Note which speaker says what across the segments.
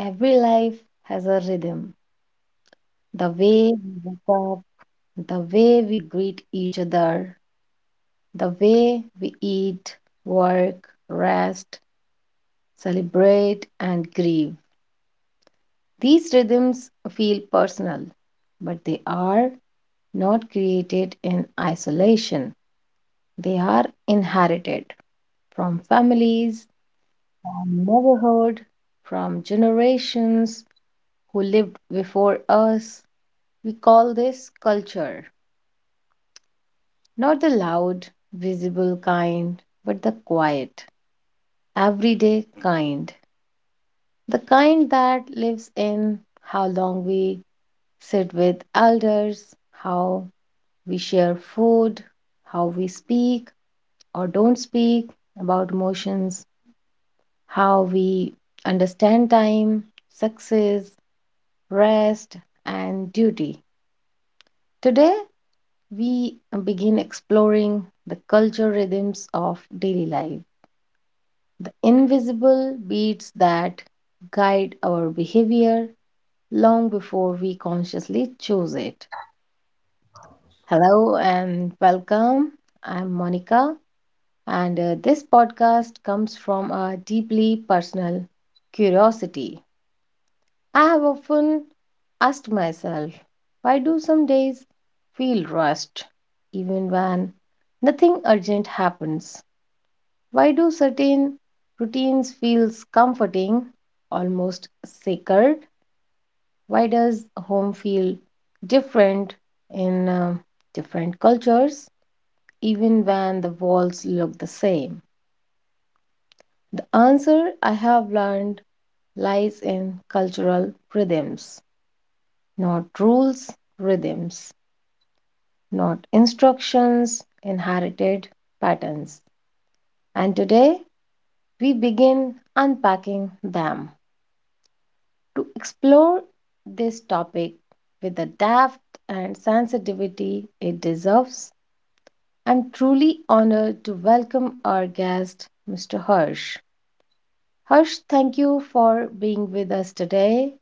Speaker 1: Every life has a rhythm. The way we wake up, the way we greet each other, the way we eat, work, rest, celebrate, and grieve. These rhythms feel personal, but they are not created in isolation. They are inherited from families, from neighborhood, from generations who lived before us. We call this culture. Not the loud, visible kind, but the quiet, everyday kind. The kind that lives in how long we sit with elders, how we share food, how we speak or don't speak about emotions, how we understand time, success, rest, and duty. Today, we begin exploring the culture rhythms of daily life, the invisible beats that guide our behavior long before we consciously choose it. Hello and welcome. I'm Monica, and this podcast comes from a deeply personal curiosity. I have often asked myself, why do some days feel rushed even when nothing urgent happens? Why do certain routines feels comforting, almost sacred? Why does home feel different in different cultures, even when the walls look the same? The answer I have learned lies in cultural rhythms, not rules, rhythms, not instructions, inherited patterns. And today we begin unpacking them, to explore this topic with the depth and sensitivity it deserves. I'm truly honored to welcome our guest, Mr. Harsh. Harsh, thank you for being with us today.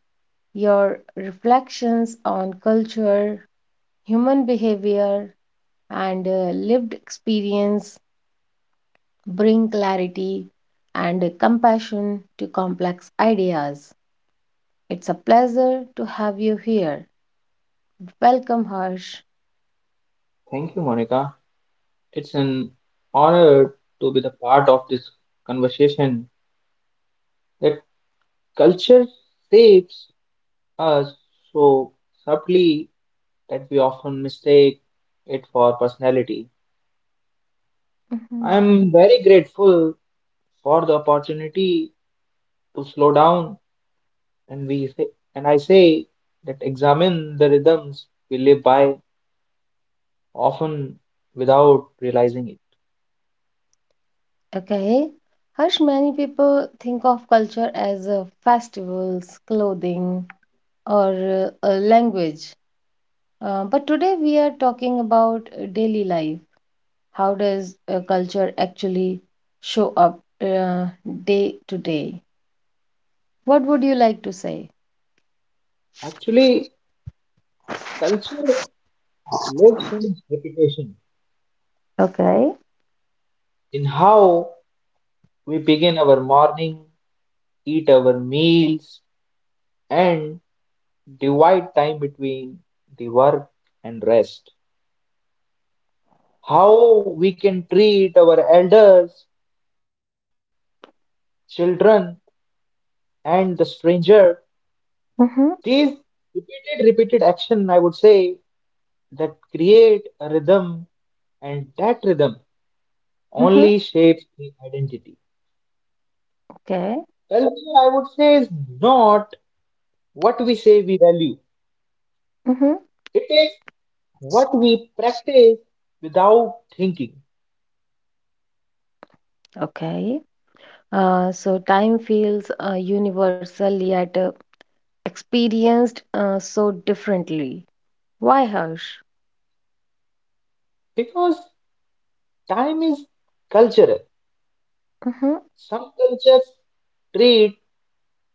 Speaker 1: Your reflections on culture, human behavior, and lived experience bring clarity and compassion to complex ideas. It's a pleasure to have you here. Welcome, Harsh.
Speaker 2: Thank you, Monica. It's an honor to be the part of this conversation that culture shapes us so subtly that we often mistake it for personality. I
Speaker 1: Mhm.
Speaker 2: am very grateful for the opportunity to slow down and I say that examine the rhythms we live by often without realizing it.
Speaker 1: Okay. Harsh, many people think of culture as festivals, clothing, or a language. But today we are talking about daily life. How does culture actually show up day to day? What would you like to say?
Speaker 2: Actually, culture lives in reputation,
Speaker 1: Okay.
Speaker 2: in how we begin our morning, eat our meals, and divide time between the work and rest. How we can treat our elders, children, and the stranger.
Speaker 1: Mm-hmm.
Speaker 2: These repeated action, I would say, that create a rhythm, and that rhythm
Speaker 1: Mm-hmm.
Speaker 2: only shapes the identity.
Speaker 1: Okay.
Speaker 2: Culture, I would say, is not what we say we value.
Speaker 1: Mm-hmm.
Speaker 2: It is what we practice without thinking
Speaker 1: Okay. So time feels universal yet experienced so differently. Why, Harsh?
Speaker 2: because time is cultural.
Speaker 1: Hmm.
Speaker 2: Some cultures treat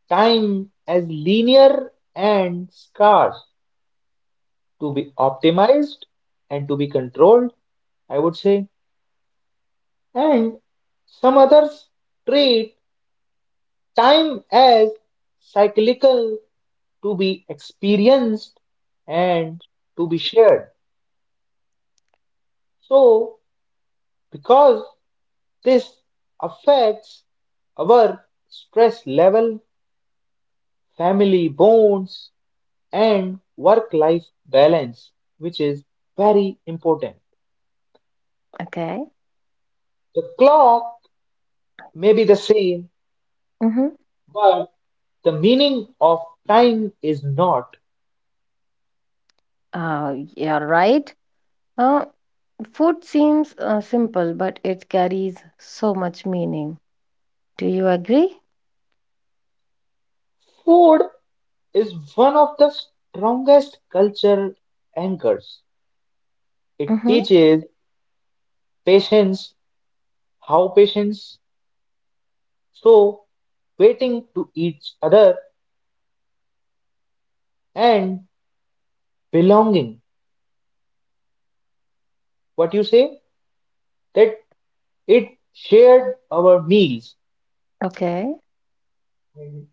Speaker 2: time as linear and scarce to be optimized and to be controlled, I would say, and some others treat time as cyclical to be experienced and to be shared. So, because this affects our stress level, family bonds, and work life balance, which is very important.
Speaker 1: Okay.
Speaker 2: The clock may be the same,
Speaker 1: Hmm.
Speaker 2: but the meaning of time is not.
Speaker 1: Uh, are right. Uh, Food seems simple, but it carries so much meaning. Do you agree?
Speaker 2: Food is one of the strongest cultural anchors. It
Speaker 1: Mm-hmm.
Speaker 2: teaches patience, how patience, so waiting to each other and belonging. What you say that it shared our meals.
Speaker 1: Okay.
Speaker 2: Mhm.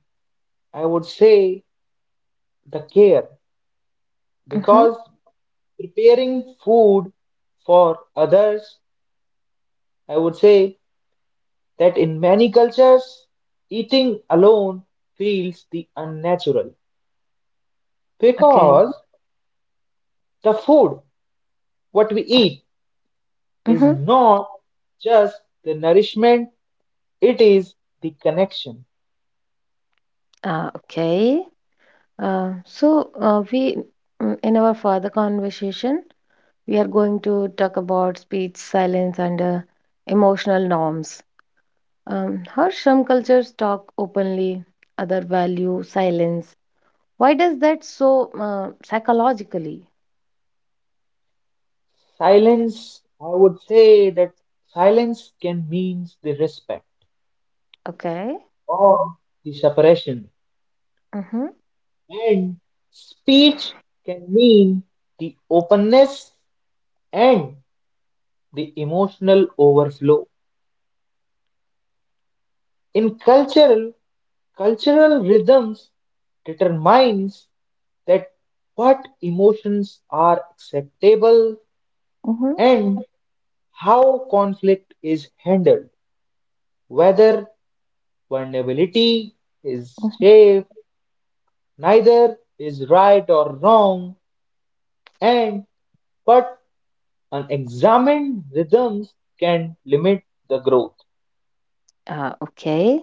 Speaker 2: I would say the care
Speaker 1: Mm-hmm.
Speaker 2: because preparing food for others, I would say that in many cultures eating alone feels the unnatural
Speaker 1: Okay.
Speaker 2: because the food what we eat is
Speaker 1: Mm-hmm.
Speaker 2: not just the nourishment, it is the connection.
Speaker 1: Okay. So in our further conversation, we are going to talk about speech, silence, and emotional norms. Harsh, some cultures talk openly, other value silence. Why does that so psychologically?
Speaker 2: Silence, I would say that silence can mean the respect
Speaker 1: Okay.
Speaker 2: or the separation,
Speaker 1: Mm-hmm.
Speaker 2: and speech can mean the openness and the emotional overflow. In cultural rhythms determines that what emotions are acceptable
Speaker 1: Mm-hmm,
Speaker 2: and how conflict is handled, whether vulnerability is
Speaker 1: mm-hmm.
Speaker 2: safe. Neither is right or wrong, and but unexamined rhythms can limit the growth.
Speaker 1: Okay.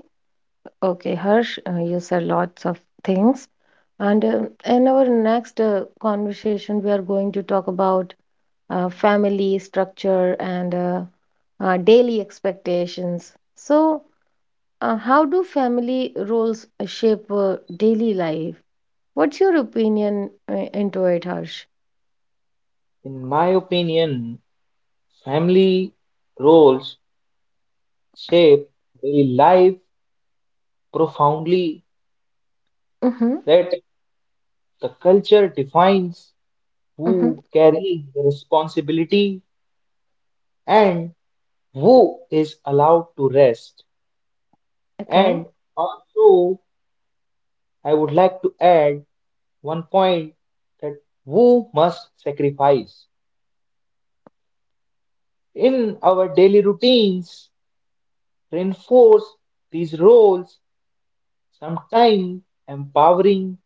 Speaker 1: Okay, Harsh, you said lots of things. And in our next conversation, we are going to talk about family structure and daily expectations. So, how do family roles shape daily life? What's your opinion into it, Harsh?
Speaker 2: In my opinion, family roles shape daily life profoundly
Speaker 1: Mm-hmm,
Speaker 2: that the culture defines
Speaker 1: mm-hmm,
Speaker 2: who carry the responsibility and who is allowed to rest.
Speaker 1: okay.
Speaker 2: And also, I would like to add one point that who must sacrifice in our daily routines reinforce these roles, sometimes empowering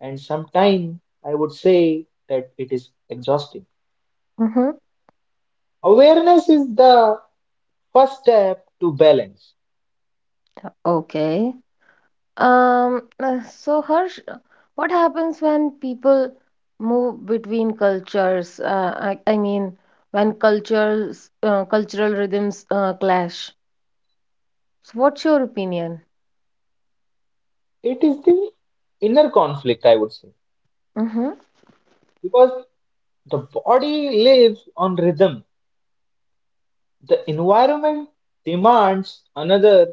Speaker 2: and sometimes I would say that it is exhausting.
Speaker 1: Mm-hmm,
Speaker 2: Awareness is the first step to balance.
Speaker 1: okay. So Harsh, what happens when people move between cultures? I mean, when cultures, cultural rhythms clash. So what's your opinion?
Speaker 2: It is the inner conflict, I would say,
Speaker 1: Mm-hmm.
Speaker 2: because the body lives on rhythm, the environment demands another.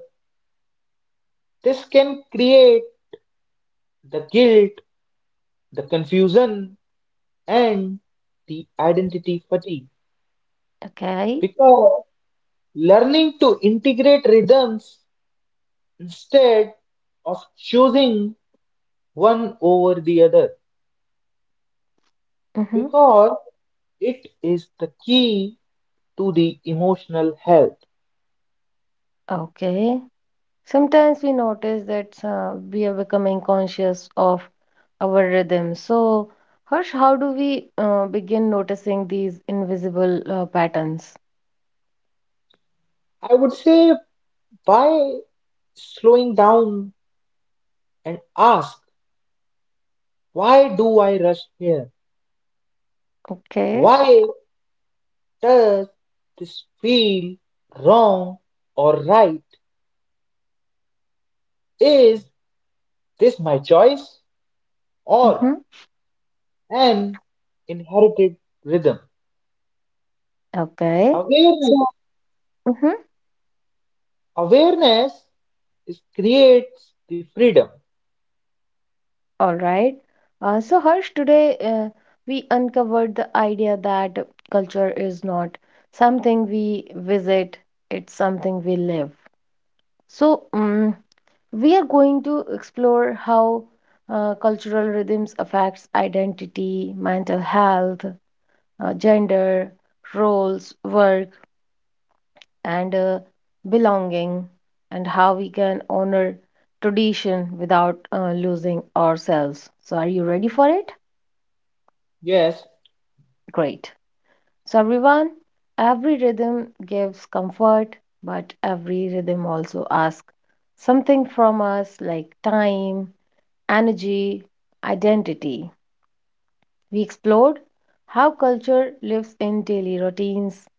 Speaker 2: This can create the guilt, the confusion, and the identity fatigue.
Speaker 1: Okay.
Speaker 2: Because learning to integrate rhythms instead of choosing one over the other.
Speaker 1: Mm-hmm.
Speaker 2: Because it is the key to the emotional health.
Speaker 1: Okay. Sometimes we notice that we are becoming conscious of our rhythm. So, Harsh, how do we begin noticing these invisible patterns?
Speaker 2: I would say by slowing down and ask, why do I rush here?
Speaker 1: Okay.
Speaker 2: Why does this feel wrong or right? Is this my choice
Speaker 1: Mm-hmm.
Speaker 2: or an inherited rhythm?
Speaker 1: Okay.
Speaker 2: Awareness,
Speaker 1: Mhm.
Speaker 2: awareness is creates the freedom.
Speaker 1: All right. So, Harsh, today we uncovered the idea that culture is not something we visit, it's something we live. So, we are going to explore how cultural rhythms affects identity, mental health, gender, roles, work, and belonging, and how we can honor tradition without losing ourselves. So, are you ready for it?
Speaker 2: Yes.
Speaker 1: Great. So, everyone, every rhythm gives comfort, but every rhythm also asks something from us like time, energy, identity. We explored how culture lives in daily routines.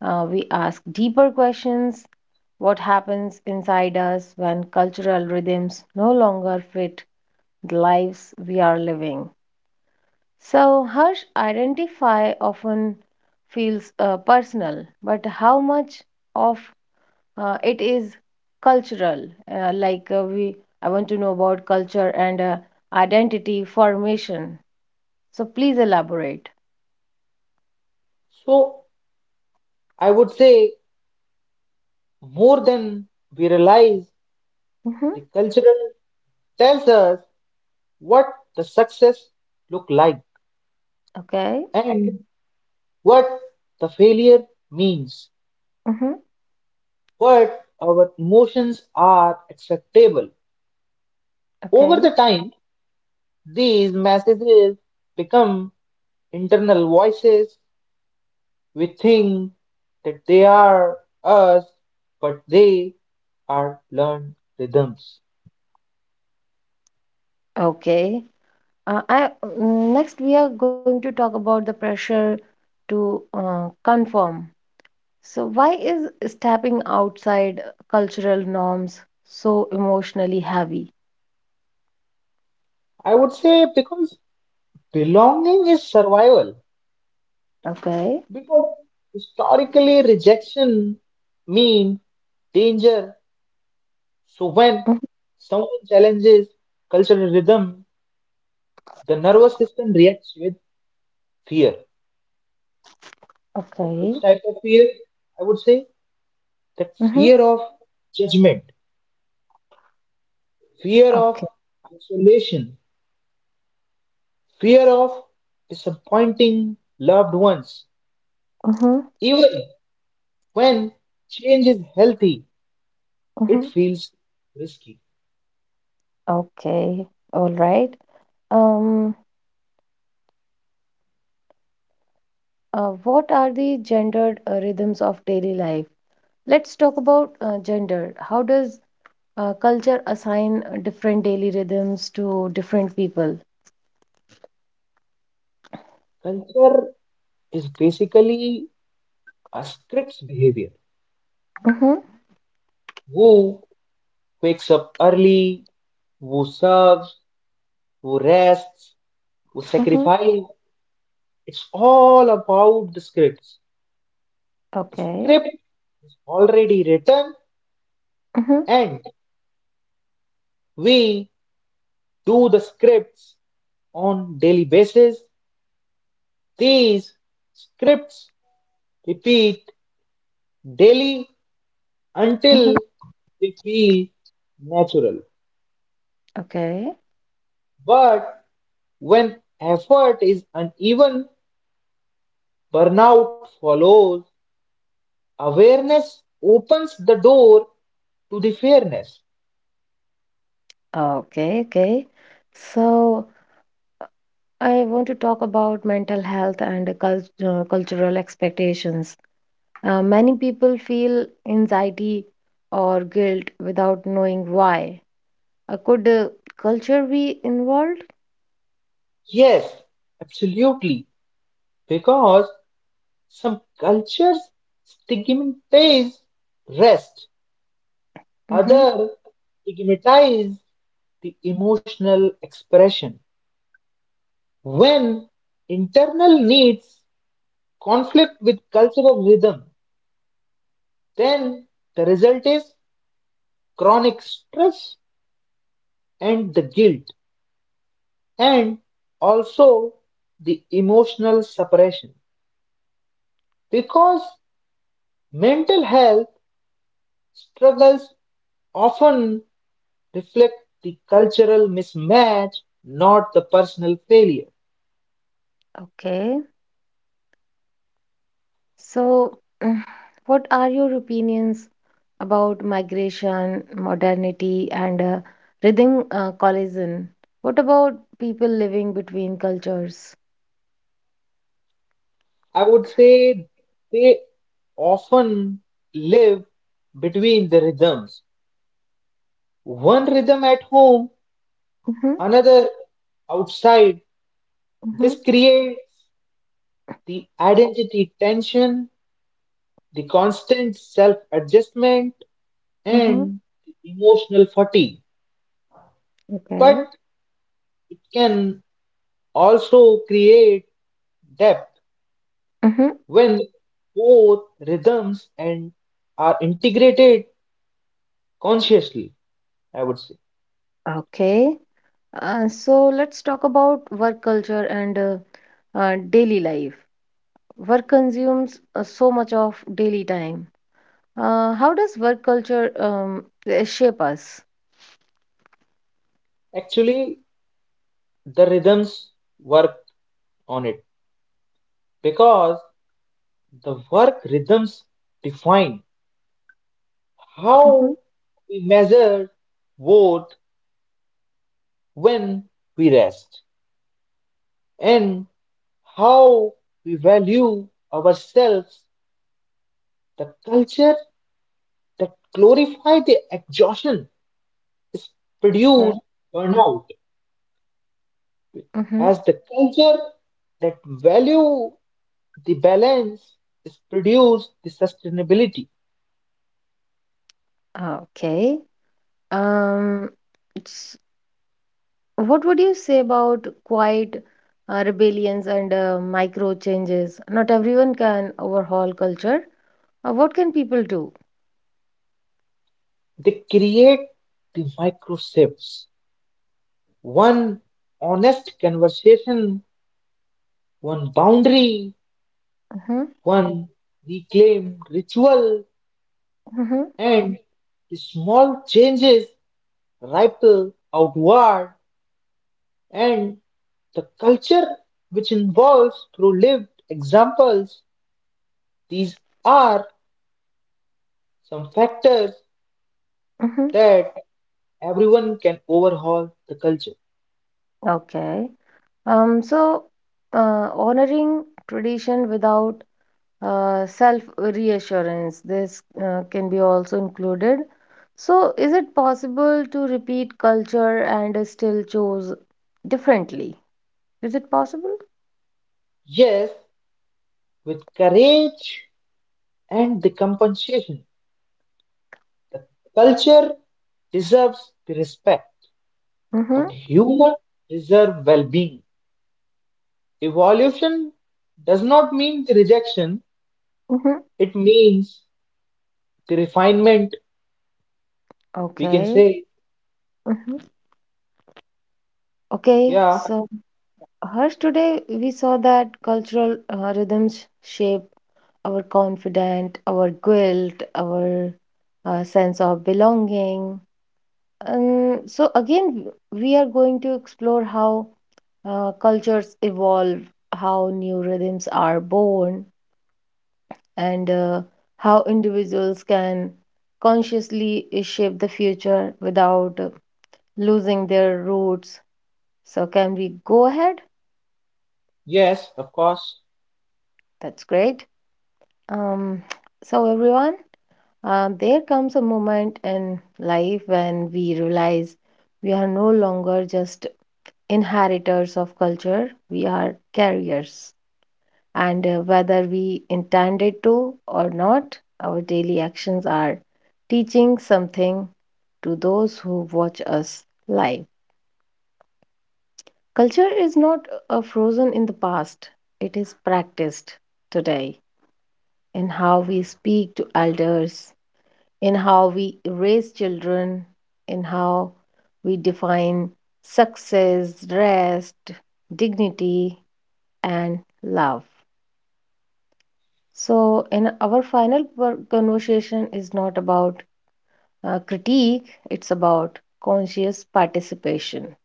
Speaker 1: We ask deeper questions, what happens inside us when cultural rhythms no longer fit the lives we are living. So, Harsh, identify often feels personal, but how much of it is cultural? Uh, like uh, we, I want to know about culture and identity formation. So, please elaborate.
Speaker 2: So I would say more than we realize,
Speaker 1: Mm-hmm.
Speaker 2: the cultural tells us what the success look like
Speaker 1: Okay.
Speaker 2: and what the failure means,
Speaker 1: Mm-hmm.
Speaker 2: what our emotions are acceptable. Over the
Speaker 1: Okay.
Speaker 2: time, these messages become internal voices. We think that they are us, but they are learned rhythms.
Speaker 1: Okay. Next, we are going to talk about the pressure to conform. So, why is stepping outside cultural norms so emotionally heavy?
Speaker 2: I would say because belonging is survival.
Speaker 1: Okay.
Speaker 2: Because historically, rejection means danger. So when
Speaker 1: Mhm.
Speaker 2: someone challenges cultural rhythm, the nervous system reacts with fear.
Speaker 1: Okay.
Speaker 2: Which type of fear? I would say that
Speaker 1: Mm-hmm.
Speaker 2: fear of judgment, fear of
Speaker 1: Okay.
Speaker 2: isolation, fear of disappointing loved ones.
Speaker 1: Mm-hmm.
Speaker 2: Even when change is healthy, it
Speaker 1: Mm-hmm.
Speaker 2: feels risky.
Speaker 1: Okay. All right. Um, what are the gendered rhythms of daily life? Let's talk about gender. How does culture assign different daily rhythms to different people?
Speaker 2: Culture is basically a script's behavior.
Speaker 1: Mm-hmm.
Speaker 2: Who wakes up early, who serves, who rests, who
Speaker 1: Mm-hmm.
Speaker 2: sacrifices. It's all about the scripts. The
Speaker 1: Okay.
Speaker 2: script is already written
Speaker 1: Mm-hmm.
Speaker 2: and we do the scripts on daily basis. These scripts repeat daily
Speaker 1: Mm-hmm.
Speaker 2: until they feel natural.
Speaker 1: Okay.
Speaker 2: But when effort is uneven, burnout follows. Awareness opens the door to the fairness.
Speaker 1: Ah, okay, okay. So I want to talk about mental health and cultural expectations. Many people feel anxiety or guilt without knowing why. Could culture be involved?
Speaker 2: Yes, absolutely. Because some cultures stigmatize rest,
Speaker 1: Mm-hmm.
Speaker 2: other stigmatize the emotional expression. When internal needs conflict with cultural rhythm, then the result is chronic stress and the guilt and also the emotional suppression. Because mental health struggles often reflect the cultural mismatch, not the personal failure.
Speaker 1: Okay. So, mm, what are your opinions about migration, modernity, and rhythm collision? What about people living between cultures?
Speaker 2: I would say they often live between the rhythms. One rhythm at home,
Speaker 1: Mm-hmm.
Speaker 2: another outside.
Speaker 1: Mm-hmm.
Speaker 2: This creates the identity tension, the constant self adjustment,
Speaker 1: Mm-hmm.
Speaker 2: and emotional fatigue. But
Speaker 1: Okay.
Speaker 2: it can also create depth
Speaker 1: Mm-hmm.
Speaker 2: when both rhythms and are integrated consciously, I would say.
Speaker 1: Okay. So let's talk about work culture and daily life. Work consumes so much of daily time. How does work culture shape us?
Speaker 2: Actually, the rhythms work on it because the work rhythms define
Speaker 1: Mm-hmm.
Speaker 2: how we measure worth, when we rest, and how we value ourselves. The culture that glorifies the exhaustion is
Speaker 1: Yeah.
Speaker 2: produce burnout,
Speaker 1: Mm-hmm.
Speaker 2: as the culture that value the balance is produce the sustainability.
Speaker 1: Okay. Um, it's- what would you say about quiet rebellions and micro changes? Not everyone can overhaul culture. What can people do?
Speaker 2: They create the micro shifts, one honest conversation, one boundary,
Speaker 1: Mm-hmm.
Speaker 2: one reclaimed ritual
Speaker 1: Mm-hmm.
Speaker 2: and the small changes ripple outward and the culture which involves through lived examples. These are some factors that everyone can overhaul the culture.
Speaker 1: Okay. Um, so, Honoring tradition without self reassurance, this can be also included. So, is it possible to repeat culture and still choose differently? Is it possible?
Speaker 2: Yes, with courage and the compensation. The culture deserves the respect,
Speaker 1: Mm-hmm.
Speaker 2: but human deserve well-being. Evolution does not mean the rejection,
Speaker 1: Mm-hmm.
Speaker 2: it means the refinement. We can
Speaker 1: Okay.
Speaker 2: say,
Speaker 1: Mm-hmm. Okay.
Speaker 2: yeah,
Speaker 1: So, Harsh, today we saw that cultural rhythms shape our confidence, our guilt, our sense of belonging. So again, we are going to explore how cultures evolve, how new rhythms are born, and how individuals can consciously shape the future without losing their roots. So, can we go ahead?
Speaker 2: yes, of course.
Speaker 1: That's great. Um, so, everyone, there comes a moment in life when we realize we are no longer just inheritors of culture, we are carriers. And whether we intended to or not, our daily actions are teaching something to those who watch us live. Culture is not frozen in the past, it is practiced today in how we speak to elders, in how we raise children, in how we define success, rest, dignity, and love. So, in our final conversation is not about critique, it's about conscious participation.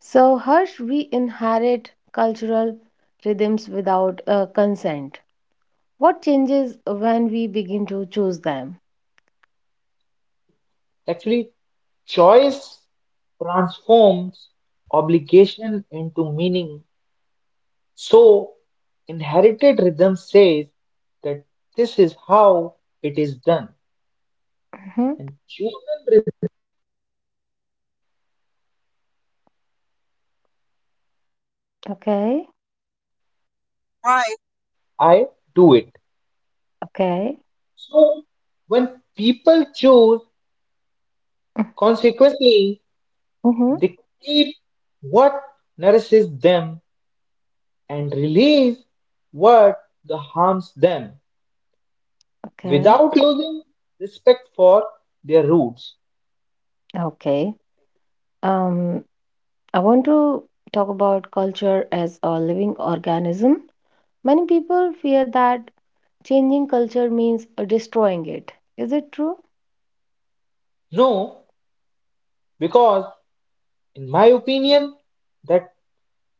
Speaker 1: So, Harsh, we inherit cultural rhythms without consent. What changes when we begin to choose them?
Speaker 2: Actually, choice transforms obligation into meaning. So, inherited rhythm says that this is how it is done.
Speaker 1: Mhm.
Speaker 2: And
Speaker 1: Okay, okay,
Speaker 2: people choose consequently,
Speaker 1: mm-hmm.
Speaker 2: they keep what nourishes them and release what the harms them
Speaker 1: Okay,
Speaker 2: without losing respect for their roots.
Speaker 1: okay. Um, I want to talk about culture as a living organism. Many people fear that changing culture means destroying it. Is it true?
Speaker 2: No, because in my opinion that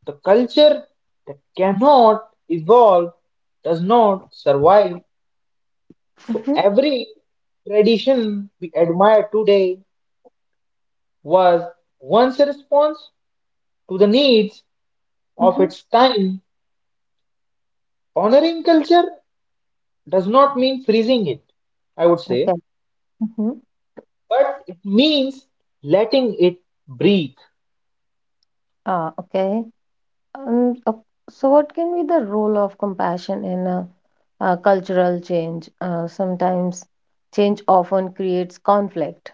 Speaker 2: the culture that cannot evolve does not survive. So
Speaker 1: Mm-hmm,
Speaker 2: every tradition we admire today was once a response to the needs of
Speaker 1: mm-hmm.
Speaker 2: its time. Honoring culture does not mean freezing it, I would
Speaker 1: Okay.
Speaker 2: say,
Speaker 1: Mm-hmm.
Speaker 2: but it means letting it breathe.
Speaker 1: Ah, okay. Um, uh, what can be the role of compassion in a, cultural change? Sometimes change often creates conflict.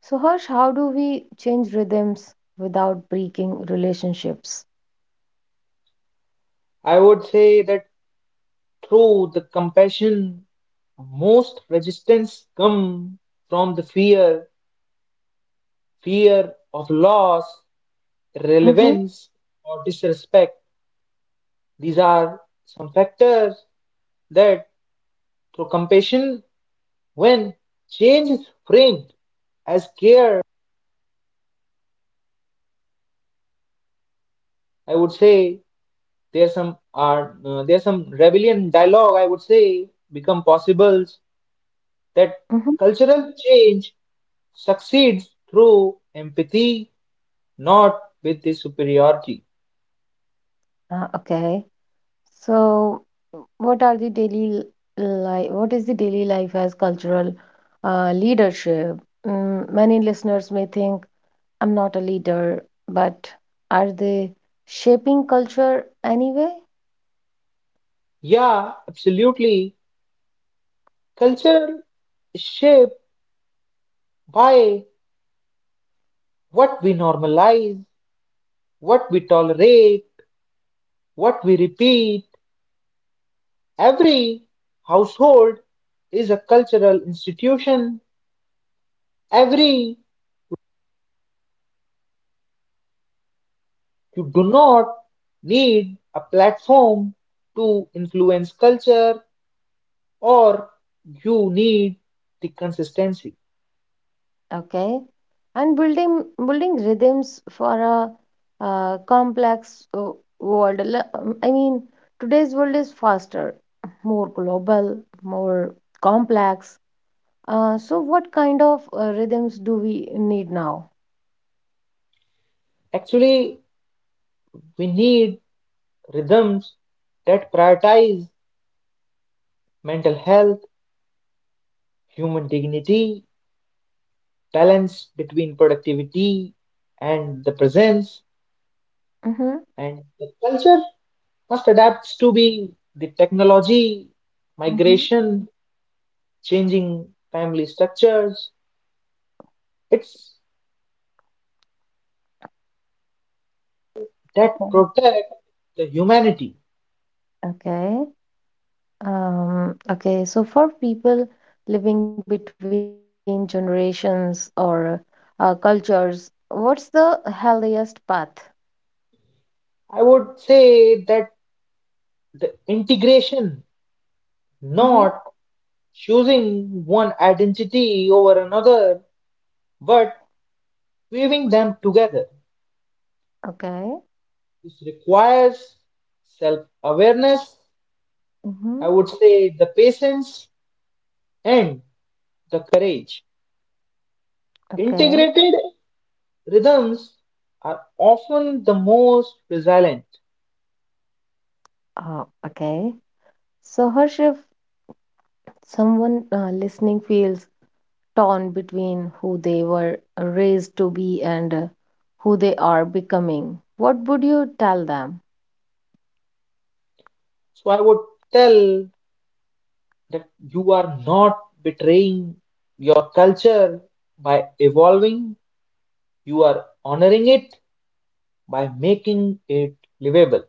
Speaker 1: So, Harsh, how do we change rhythms without breaking relationships?
Speaker 2: I would say that through the compassion, most resistance come from the fear, fear of loss,
Speaker 1: Mm-hmm,
Speaker 2: irrelevance, or disrespect. These are some factors that through compassion, when change is framed as care, I would say there's some are there's some rebellion dialogue, I would say, become possible that
Speaker 1: mm-hmm.
Speaker 2: cultural change succeeds through empathy, not with the superiority.
Speaker 1: Ah, okay. So, what are the daily life? What is the daily life as cultural leadership? Mm, many listeners may think I'm not a leader, but are they shaping culture anyway?
Speaker 2: Yeah, absolutely. Culture is shaped by what we normalize, what we tolerate, what we repeat. Every household is a cultural institution. Every you do not need a platform to influence culture or you need the consistency.
Speaker 1: Okay, and building rhythms for a complex world. I mean, today's world is faster, more global, more complex. So, what kind of rhythms do we need now?
Speaker 2: Actually, we need rhythms that prioritize mental health, human dignity, balance between productivity and the presence,
Speaker 1: Mm-hmm.
Speaker 2: and the culture must adapt to be the technology,
Speaker 1: Mm-hmm.
Speaker 2: migration, changing family structures. It's that
Speaker 1: Okay.
Speaker 2: protect the humanity.
Speaker 1: Okay. Okay. So, for people living between generations or cultures, what's the healthiest path?
Speaker 2: I would say that the integration,
Speaker 1: Mm-hmm.
Speaker 2: not choosing one identity over another, but weaving them together.
Speaker 1: Okay.
Speaker 2: This requires self awareness,
Speaker 1: Mm-hmm.
Speaker 2: I would say the patience and the courage.
Speaker 1: Okay.
Speaker 2: Integrated rhythms are often the most resilient.
Speaker 1: Okay. So, Harsh, if someone listening feels torn between who they were raised to be and who they are becoming, what would you tell them?
Speaker 2: So I would tell that you are not betraying your culture by evolving, you are honoring it by making it livable.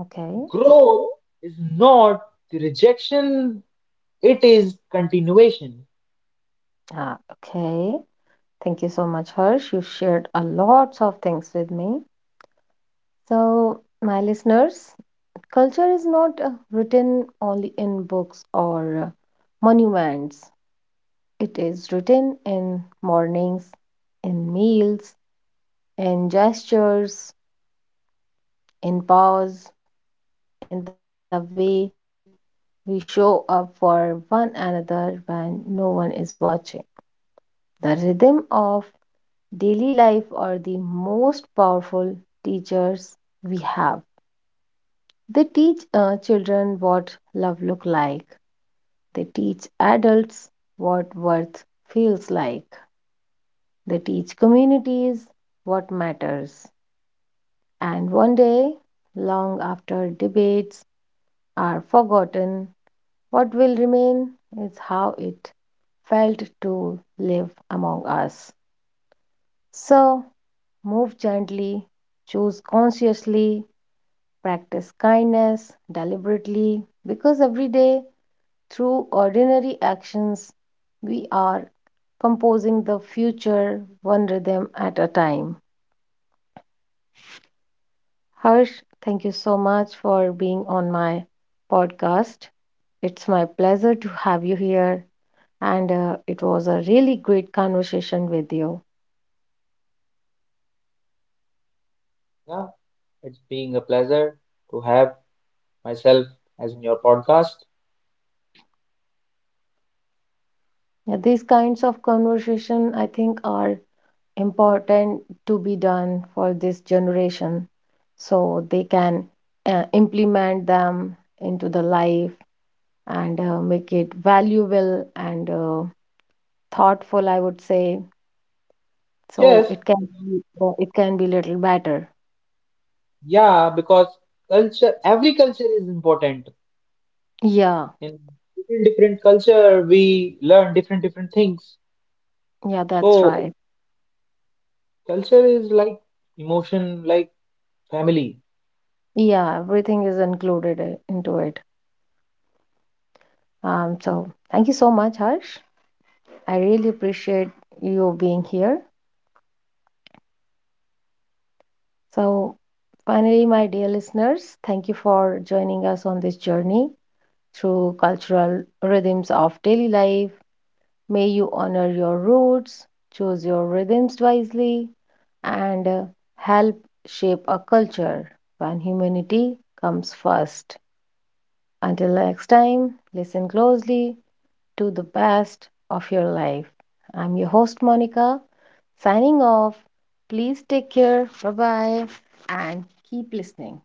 Speaker 1: Okay.
Speaker 2: Growth is not the rejection, it is continuation.
Speaker 1: Ah, okay. Thank you so much, Harsh. You shared a lots of things with me. So, my listeners, culture is not written only in books or monuments. It is written in mornings, in meals, in gestures, in pause, in the way we show up for one another when no one is watching. The rhythm of daily life are the most powerful teachers we have. They teach children what love look like. They teach adults what worth feels like. They teach communities what matters. And one day, long after debates are forgotten, what will remain is how it felt to live among us. So, move gently, choose consciously, practice kindness deliberately, because every day, through ordinary actions, we are composing the future one rhythm at a time. Harsh, thank you so much for being on my podcast. It's my pleasure to have you here, and it was a really great conversation with you.
Speaker 2: Yeah, it's being a pleasure to have myself as in your podcast.
Speaker 1: Yeah, these kinds of conversation, I think, are important to be done for this generation so they can implement them into the life and make it valuable and thoughtful, I would say. So
Speaker 2: Yes,
Speaker 1: it can be little better.
Speaker 2: yeah, because culture, every culture is important.
Speaker 1: Yeah,
Speaker 2: In different culture, we learn different things.
Speaker 1: yeah, that's
Speaker 2: So
Speaker 1: right.
Speaker 2: culture is like emotion, like family.
Speaker 1: Yeah, everything is included into it. So thank you so much, Harsh. I really appreciate you being here. So, finally, my dear listeners, thank you for joining us on this journey through cultural rhythms of daily life. May you honor your roots, choose your rhythms wisely, and help shape a culture when humanity comes first. Until next time, listen closely to the best of your life. I'm your host, Monica, signing off. Please take care. Bye bye. And keep listening.